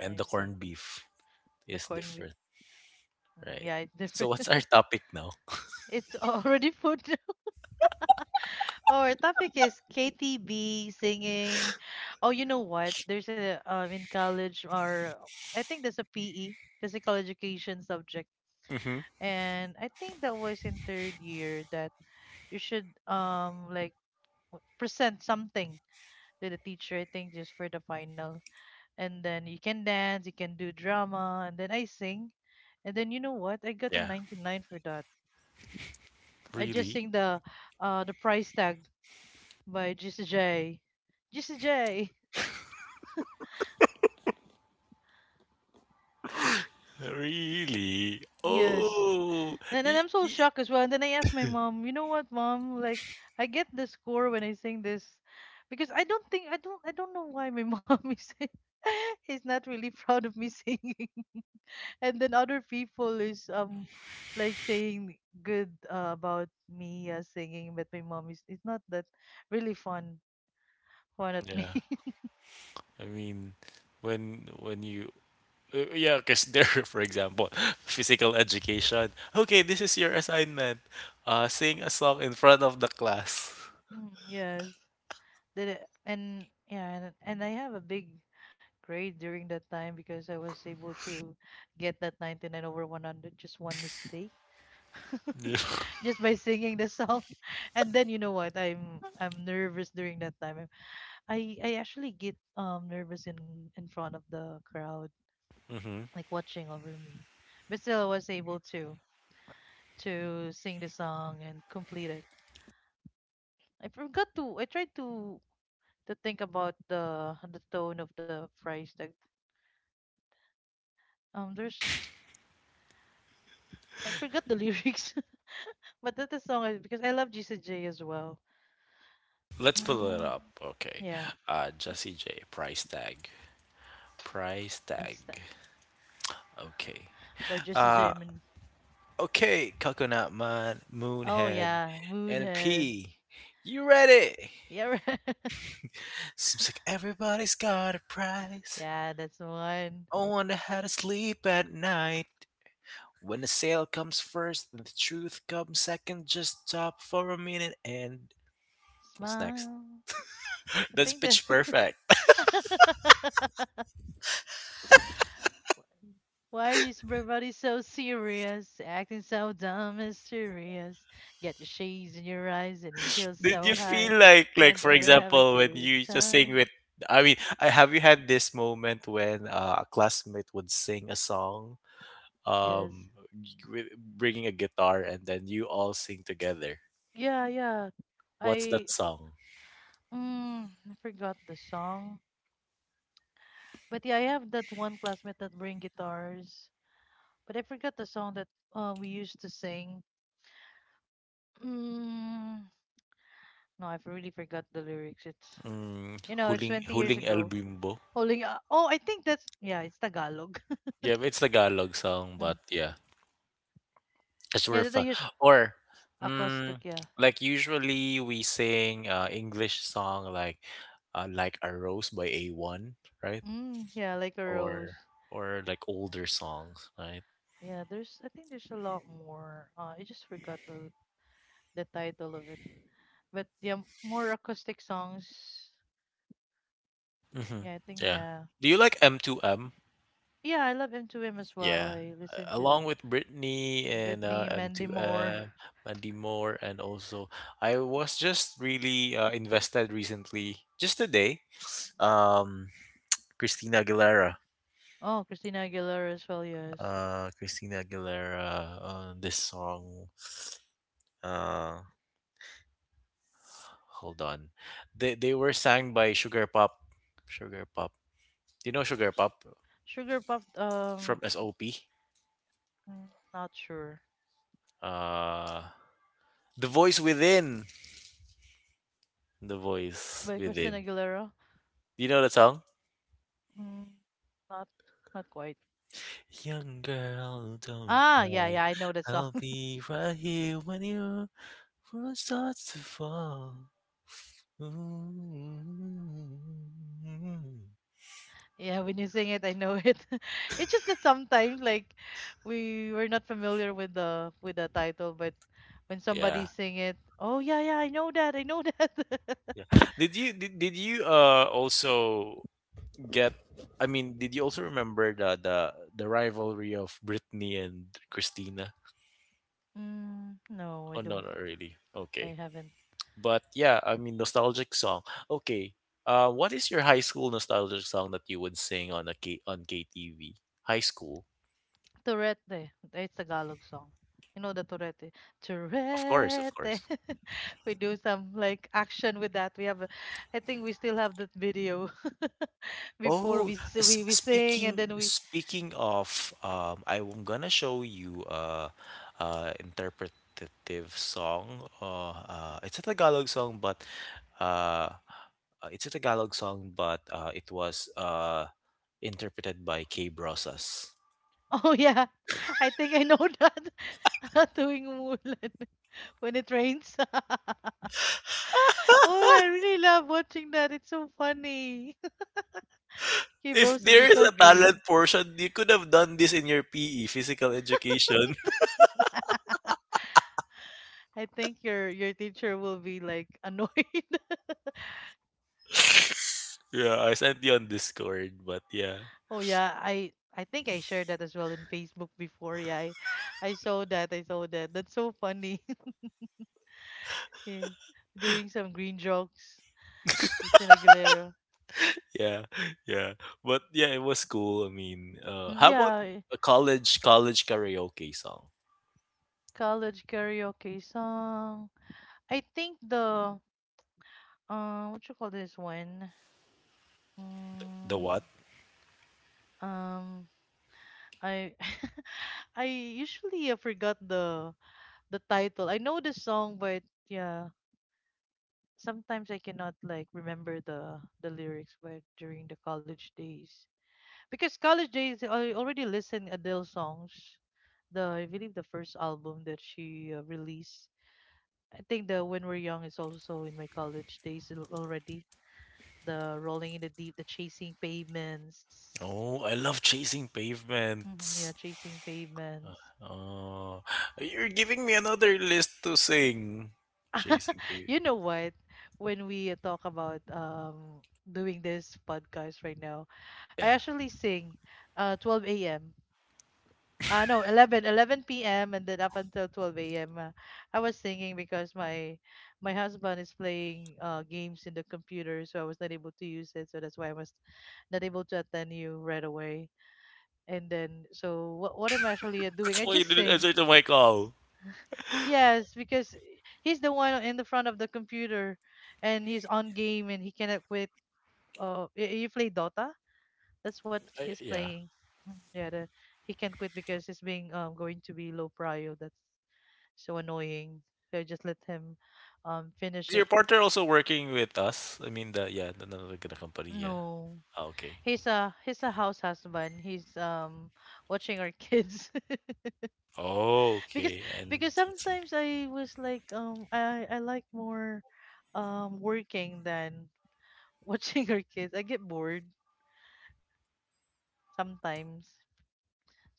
I the see. corned beef The is corn beef. different, Mm, right? yeah, it's So different. what's our topic now? It's already food. Our topic is K T B singing. Oh, you know what? There's a um in college, or I think there's a P E, physical education subject. Mm-hmm. And I think that was in third year that you should um like w- present something to the teacher. I think just for the final, and then you can dance, you can do drama, and then I sing. And then you know what? I got a Yeah. ninety-nine for that. I just Really? sing the uh the price tag by G C J, G C J. Really? Yes, Oh. and then y- I'm so y- shocked as well, and then I asked my mom, you know what, mom, like I get the score when I sing this? Because I don't think I don't I don't know why my mom is is not really proud of me singing. And then other people is um like saying good uh, about me uh, singing, but my mom is it's not that really fun fun at me. Yeah. I mean, when when you Uh, yeah, because there, for example, physical education. Okay, this is your assignment. Uh, sing a song in front of the class. Mm, yes, did it. And yeah, and, and I have a big grade during that time because I was able to get that ninety-nine over one hundred, just one mistake. Mm-hmm. Just by singing the song. And then you know what? I'm i'm nervous during that time. I i actually get um nervous in in front of the crowd, like watching over me. But still, I was able to to sing the song and complete it. I forgot to. I tried to to think about the the tone of the phrase. Like um, there's I forgot the lyrics, but that the song is because I love Jesse as well. Let's pull it Mm, up. Okay. yeah, Uh, Jesse J. Price tag. Price tag. he's the, Okay. by Jesse Uh, mean- okay, Coconut Man, oh Moonhead, yeah, and Moonhead. P. You ready? Yeah, right. Seems like everybody's got a price. Yeah, that's the one. I wonder how to sleep at night. When the sale comes first and the truth comes second, just stop for a minute and what's next? Smile. I That's think that. pitch perfect. Why is everybody so serious? Acting so dumb and serious. Get your shades in your eyes and your heels Did so you high. feel like like Can't for even have a example when good you just sing time. with I mean, I have you had this moment when uh, a classmate would sing a song Yes. um with bringing a guitar and then you all sing together. Yeah, yeah. What's I that song? mm, I forgot the song. But yeah, I have that one classmate that bring guitars. But I forgot the song that uh, we used to sing. Mm, no, I've really forgot the lyrics. It's Mm, you know, it's huling twenty years huling El ago. Bimbo. Holding uh, oh, I think that's yeah, it's Tagalog. Yeah, it's Tagalog song, but yeah. Because Yeah, we're that I fun. use Or, mm, acoustic, yeah. like usually we sing uh, English song like uh, like a rose by A one, right? Mm, yeah, like a Or rose. or like older songs, right? Yeah, there's I think there's a lot more. Uh, I just forgot the the title of it. But yeah, m- more acoustic songs. Mm-hmm. Yeah, I think Yeah. yeah. Do you like M two M? Yeah, I love M two M as well. Yeah. I listen A- to the Along with Britney and uh, Britney, Mandy Moore. M two M, Mandy Moore, and also I was just really uh, invested recently, just today. Um, Christina Aguilera. Oh, Christina Aguilera as well, yes. Uh, Christina Aguilera on this song. Uh hold on. They they were sang by Sugar Pop. Sugar Pop. Do you know Sugar Sh- Pop Sugar Puff from um S O P? mm, not sure. Uh The Voice Within. The Voice By Christina Within. Aguilera? Do you know that song? Mm, not not quite. Young girl, don't Ah, yeah, cry. yeah, I know that song. I'll be right here when your world starts to fall. Ooh. Yeah, when you sing it, I know it. It's just that sometimes, like, we were not familiar with the with the title, but when somebody Yeah, sing it, oh yeah, yeah, I know that, I know that. yeah. Did you did, did you uh also get I mean, did you also remember the the the rivalry of Britney and Christina? Mm, no, I Oh no, don't. not really. I Okay. haven't. But yeah, I mean nostalgic song. Okay. Uh, what is your high school nostalgic song that you would sing on a K on K T V? High school. Turete. It's a Tagalog song. You know the Turete. Of course, of Turete. course. We do some like action with that. We have, a, I think we still have that video before Oh, we s- we s- we sing and speaking then we speaking of, um, I'm gonna show you a, a interpretative song. Uh, uh, it's a Tagalog song, but uh, uh, it's a Tagalog song, but uh, it was uh, interpreted by Kay Brosas. oh yeah, I think I know that. Doing Mulan when it rains. Oh, I really love watching that. It's so funny. Give If roses is there is so a green. talent portion, you could have done this in your P E, physical education. I think your your teacher will be like annoyed. Yeah, I sent you on Discord, but yeah. Oh yeah, I I think I shared that as well in Facebook before. Yeah, I, I saw that. I saw that. That's so funny. Yeah. Doing some green jokes. Christina Aguilera. Yeah, yeah. But yeah, it was cool. I mean, uh, Mm, how about yeah, a college college karaoke song? college karaoke song. I think the uh what you call this one? The Mm, what? um I I usually uh, forgot the the title. I know the song but yeah, sometimes I cannot like remember the the lyrics but during the college days. Because college days I already listened Adele songs. The I believe the first album that she uh, released. I think the When We're Young is also in my college days al- already the rolling in the deep, the chasing pavements. Oh, I love chasing Hmm yeah, pavements. chasing pavements. Oh, you're giving me another list to sing. Chasing pavements. You know what? When we uh, talk about um doing this podcast right now, I Yeah, actually sing uh twelve a m. Uh, no, eleven eleven p m and then up until twelve a m. Uh, I was singing because my my husband is playing uh, games in the computer, so I was not able to use it. So that's why I was not able to attend you right away. And then, so what what I'm actually uh, doing, that's I why you just didn't sing. answer to my call. Yes, because he's the one in the front of the computer and he's on game and he cannot quit. Uh, y- you play Dota? That's what I, he's yeah. playing. Mm, Yeah, the, he can't quit because he's being um going to be low prio. That's so annoying. So I just let him um Is finish it. your partner also working with us? I mean, the yeah, the, the, the the company. Yeah. No. Ah, okay. He's a he's a house husband. He's um watching our kids. Oh, Because okay. because And sometimes I was like um I I like more um working than watching her kids. I get bored sometimes.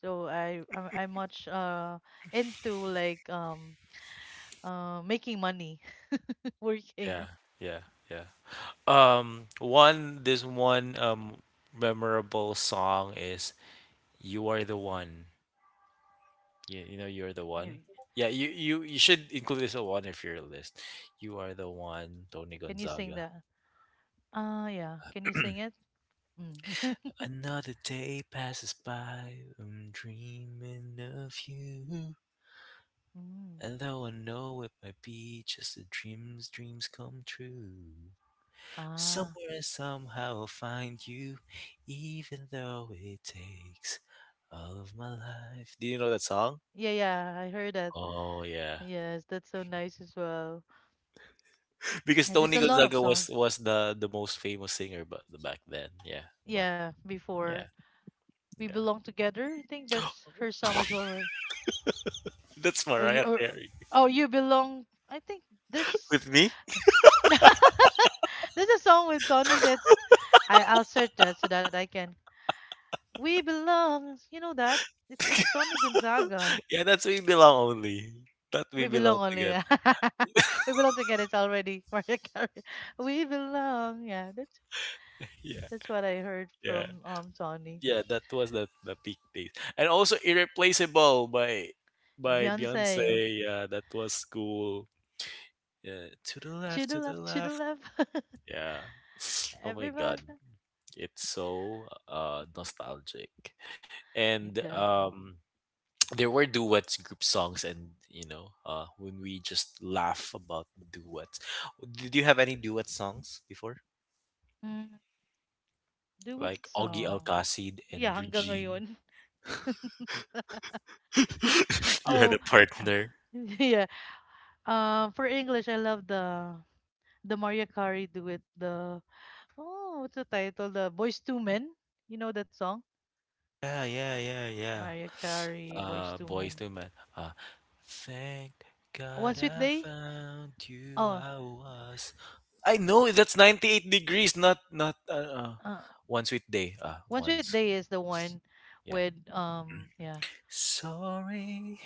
So I I'm, I'm much uh into like um uh making money yeah, working. yeah, yeah. Um, one this one um memorable song is "You Are the One." You, you know, you're the You- one. Yeah, you, you you should include this one if you're a list. You are the one, Tony Can you sing Gonzaga. that? Ah yeah. Can you sing it? Mm. Another day passes by, I'm dreaming of you. Mm. And though I know it might be just a dream's dreams come true. Ah Somewhere, somehow, I'll find you, even though it takes all of my life. Do you know that song? yeah yeah. I heard that. Oh yeah, Yes, that's so nice as well. because Yeah, there's Tony a lot of Gonzaga was songs. was the the most famous singer, but back then, yeah, but Yeah, before yeah, we yeah, belong together. I think that's her song as well, right? that's Or you Mariah or Carey oh you belong. I think there's with me. there's a song with Tony that I, I'll search that so that I can. We belong. You know that? It's it's Tony Gonzaga. Yeah, that's we belong only. That we We belong belong only. na- together. we belong together. It's already Mariah Carey. We belong. Yeah, that's Yeah, that's what I heard yeah, from um Tony. yeah. That was the the peak days, and also Irreplaceable by by Beyonce. Beyonce. Yeah, that was cool. Yeah, to the To left, the to the left, to the left. left. Yeah. Oh my God, Everybody. it's so uh nostalgic. And Exactly. um there were duets, group songs and you know, uh when we just laugh about duets. Did you have any duet songs before? Mm, do it Like Augie song. Alcacid Yeah, and hanggang Regine. ngayon. You had Oh, a ah, partner. yeah. Um, for English, I love the the Maria Carey duet, the oh, what's the title? The Boys Two Men. You know that song? Yeah, yeah, yeah, yeah. Maria Carey, Boys Uh, Two boys Men. to men. Uh, thank One God Sweet I Day. found you. Oh, I was. I know that's ninety-eight degrees, not not uh, uh uh, one sweet day. Uh, One once. Sweet Day is the one Yeah. with um, yeah. Sorry,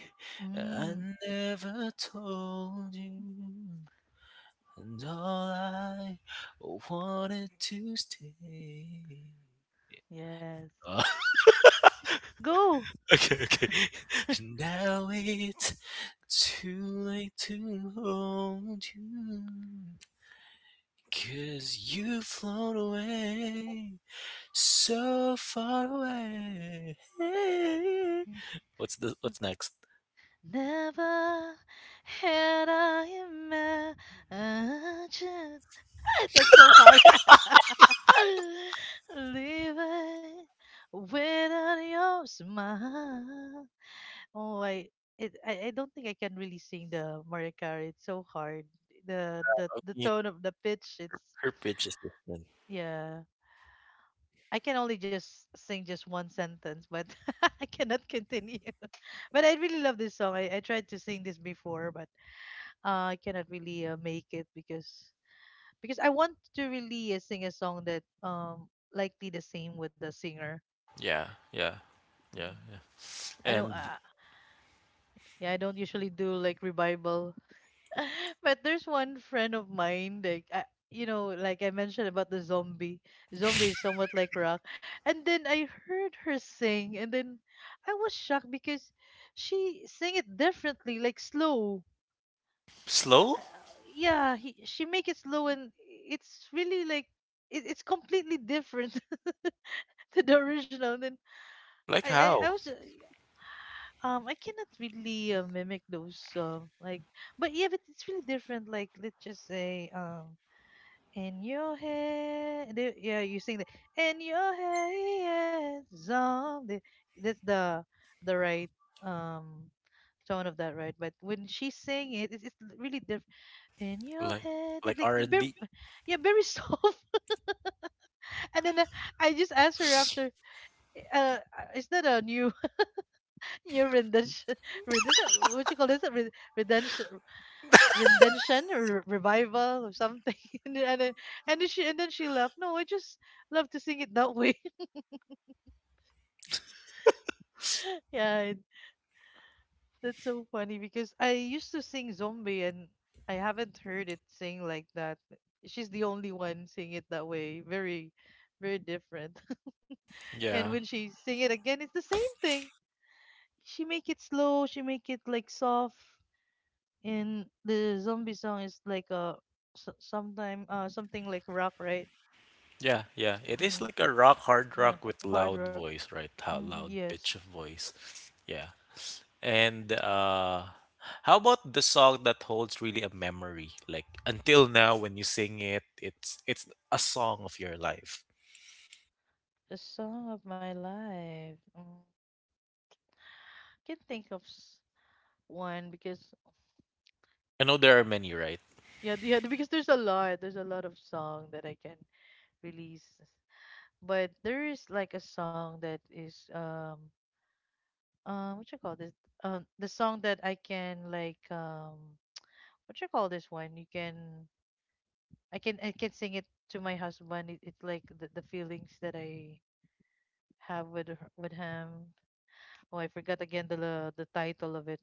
I Mm, never told you, and all I wanted to stay. Yeah. yes. S- Go. Okay, okay. Now it's too late to hold youbecause you 'cause you've flown away, so far away. What's the what's next? Never had I imagined. That's so hard. Leave it without your smile. Oh, I, it, I, I don't think I can really sing the Mariah Carey. It's so hard. The, the, I the mean, tone of the pitch, it's, her pitch is different. yeah. I can only just sing just one sentence, but I cannot continue. But I really love this song. I, I tried to sing this before, but uh, I cannot really uh, make it because because I want to really uh, sing a song that um likely the same with the singer. Yeah, yeah, yeah, Mhm. yeah. I don't And uh, yeah, I don't usually do like revival. But there's one friend of mine like I, you know, like I mentioned about the zombie. Zombie is somewhat like rock. And then I heard her sing and then I was shocked because she sang it differently like slow. Uh, slow? uh, yeah, he, she make it slow and it's really like it, it's completely different to the original. And then Like I I, I how? was uh, um I cannot really uh, mimic those uh, like, but yeah but it's really different like let's just say um in your head they- yeah you sing the in your head zombie, that's the the right um tone of that right but when she sang it it's, it's really different. In your Like head like it's like R the and very, B? yeah very soft. And then uh, I just asked her after uh uh, is that a new your redemption, redemption. What you call this? Re- Redemption, redemption, or revival, or something. And then, and then and then she and then she laughed. No, I just love to sing it that way. Yeah, it, that's so funny because I used to sing zombie and I haven't heard it sing like that. She's the only one singing it that way. Very, very different. And Yeah. when she sing it again, it's the same thing. She make it slow. She make it like soft. And the zombie song is like a s- sometime uh something like rock right. Yeah, yeah. It is like Mm-hmm. a rock, hard Yeah. rock with Hard loud rock. voice, right? How Mm-hmm. loud Yes. pitch of voice. Yeah. And uh how about the song that holds really a memory? Like until now when you sing it, it's it's a song of your life. The song of my life. Mm. Can't think of s- one because I know there are many, right? yeah th- yeah because there's a lot, there's a lot of song that I can release, but there is like a song that is um um what you call this um the song that I can like um what you call this one you can I can I can sing it to my husband. It, it's like the, the feelings that I have with her- with him. Oh, I forgot again the la- the title of it.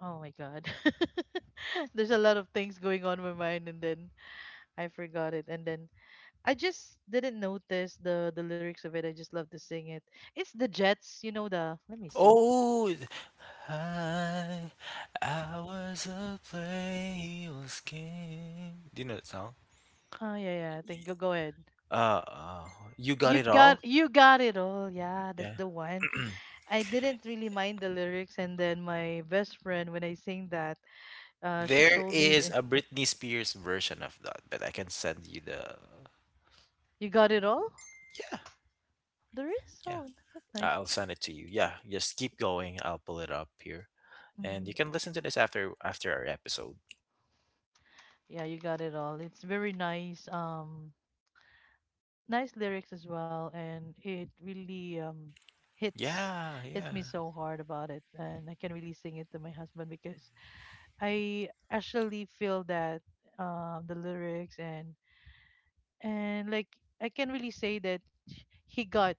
Oh my God, there's a lot of things going on in my mind, and then I forgot it, and then I just didn't notice the the lyrics of it. I just love to sing it. It's the Jets, you know the. Let me see. Oh, I, I was a playful game. Do you know that song? Oh yeah, yeah. I think go go ahead. Uh, uh, you got You it got all? you got it all. Yeah, that's Yeah. the one. I didn't really mind the lyrics, and then my best friend when I sing that, Uh, she There told me is that a Britney Spears version of that, but I can send you the. you got it all. Yeah, There is. Oh, yeah. that's I- nice. I'll send it to you. Yeah, just keep going. I'll pull it up here, and you Hmm. can listen to this after after our episode. Yeah, you got it all. It's very nice. Um, nice lyrics as well, and it really um hits Yeah, hits yeah. me so hard about it, and I can really sing it to my husband because I actually feel that um the lyrics and and like I can really say that he got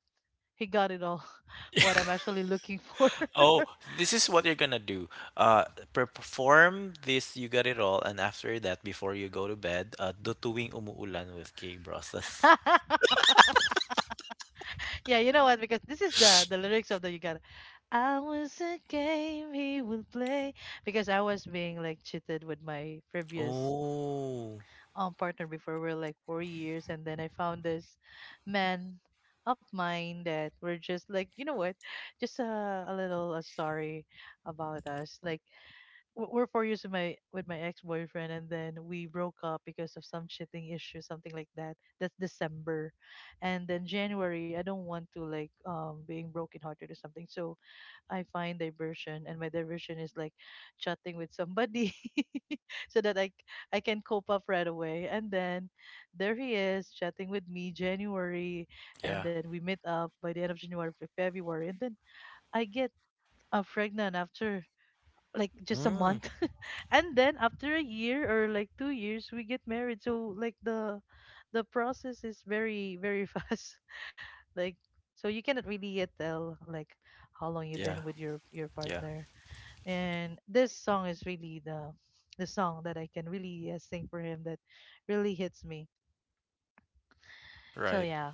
he got it all what I'm actually looking for. Oh, this is what you're gonna do. Uh, per- perform this. You got it all, and after that, before you go to bed, uh, do tuwing umuulan with Kay Brosas. Yeah, you know what? Because this is the the lyrics of the you got. I was a game he would play because I was being like cheated with my previous Oh, um partner before. We are like four years, and then I found this man of mine that we're just like you know what, just a a little uh, sorry about us. Like w- we're four years with my with my ex boyfriend, and then we broke up because of some cheating issue, something like that. That's December, and then January. I don't want to like um being brokenhearted or something, so I find diversion, and my diversion is like chatting with somebody, so that I c- I can cope up right away. And then there he is chatting with me January, and yeah. then we meet up by the end of January, Fe- February, and then I get uh, pregnant after like just a Mm, month. And then after a year or like two years we get married. So like the the process is very very fast, like so you cannot really yet tell like how long you've yeah, been with your your yeah. partner. And this song is really the the song that I can really uh, sing for him, that really hits me, so Right. yeah.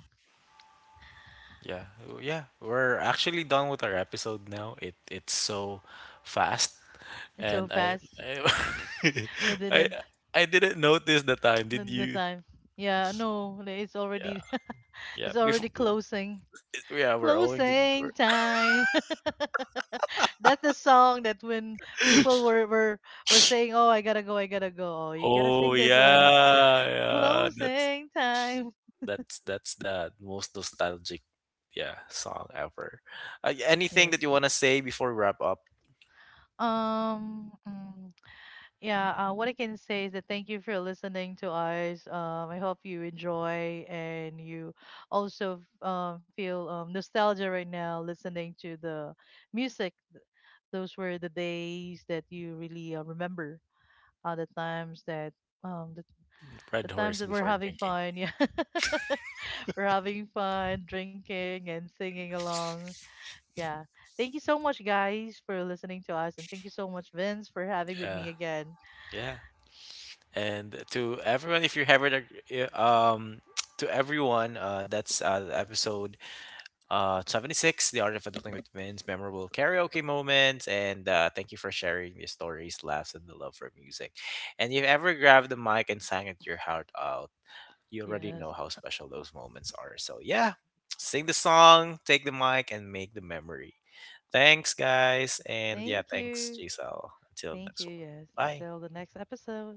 Yeah, w- yeah, we're actually done with our episode now. It it's so fast, It's so and I fast. I We I, didn't, I didn't notice the time. the, Did the you? time, yeah no like, it's Yeah, already yeah. it's Before, already closing. yeah, we're only. Closing we're- time. That's the song that when people were, were were saying, "Oh, I gotta go, I gotta go." Oh, you gotta Oh sing this one. yeah, yeah. That's Closing time. that's that's the most nostalgic, yeah, song ever. Uh, y- anything Yes. that you wanna say before we wrap up, Um. mm, yeah. Uh, what I can say is that thank you for listening to us. Um. I hope you enjoy and you also um feel um nostalgia right now listening to the music. Th- Those were the days that you really uh, remember uh, the times that um the, the Red times Horse that we're before having drinking? fun. Yeah. We're having fun drinking and singing along. Yeah, thank you so much guys for listening to us, and thank you so much Vince for having with me Yeah, again. yeah. And to everyone, if you haven't, uh, um, to everyone, uh, that's uh, episode uh, seventy-six, The Art of Adulting with Vince, memorable karaoke moments. And uh, thank you for sharing your stories, laughs, and the love for music. And if you ever grabbed the mic and sang it your heart out, you already know Yes, how special those moments are. So, yeah, sing the song, take the mic, and make the memory. Thanks, guys. And yeah, thank thanks, you, Giselle. Until thank you, next one. yes, Bye. till the next episode.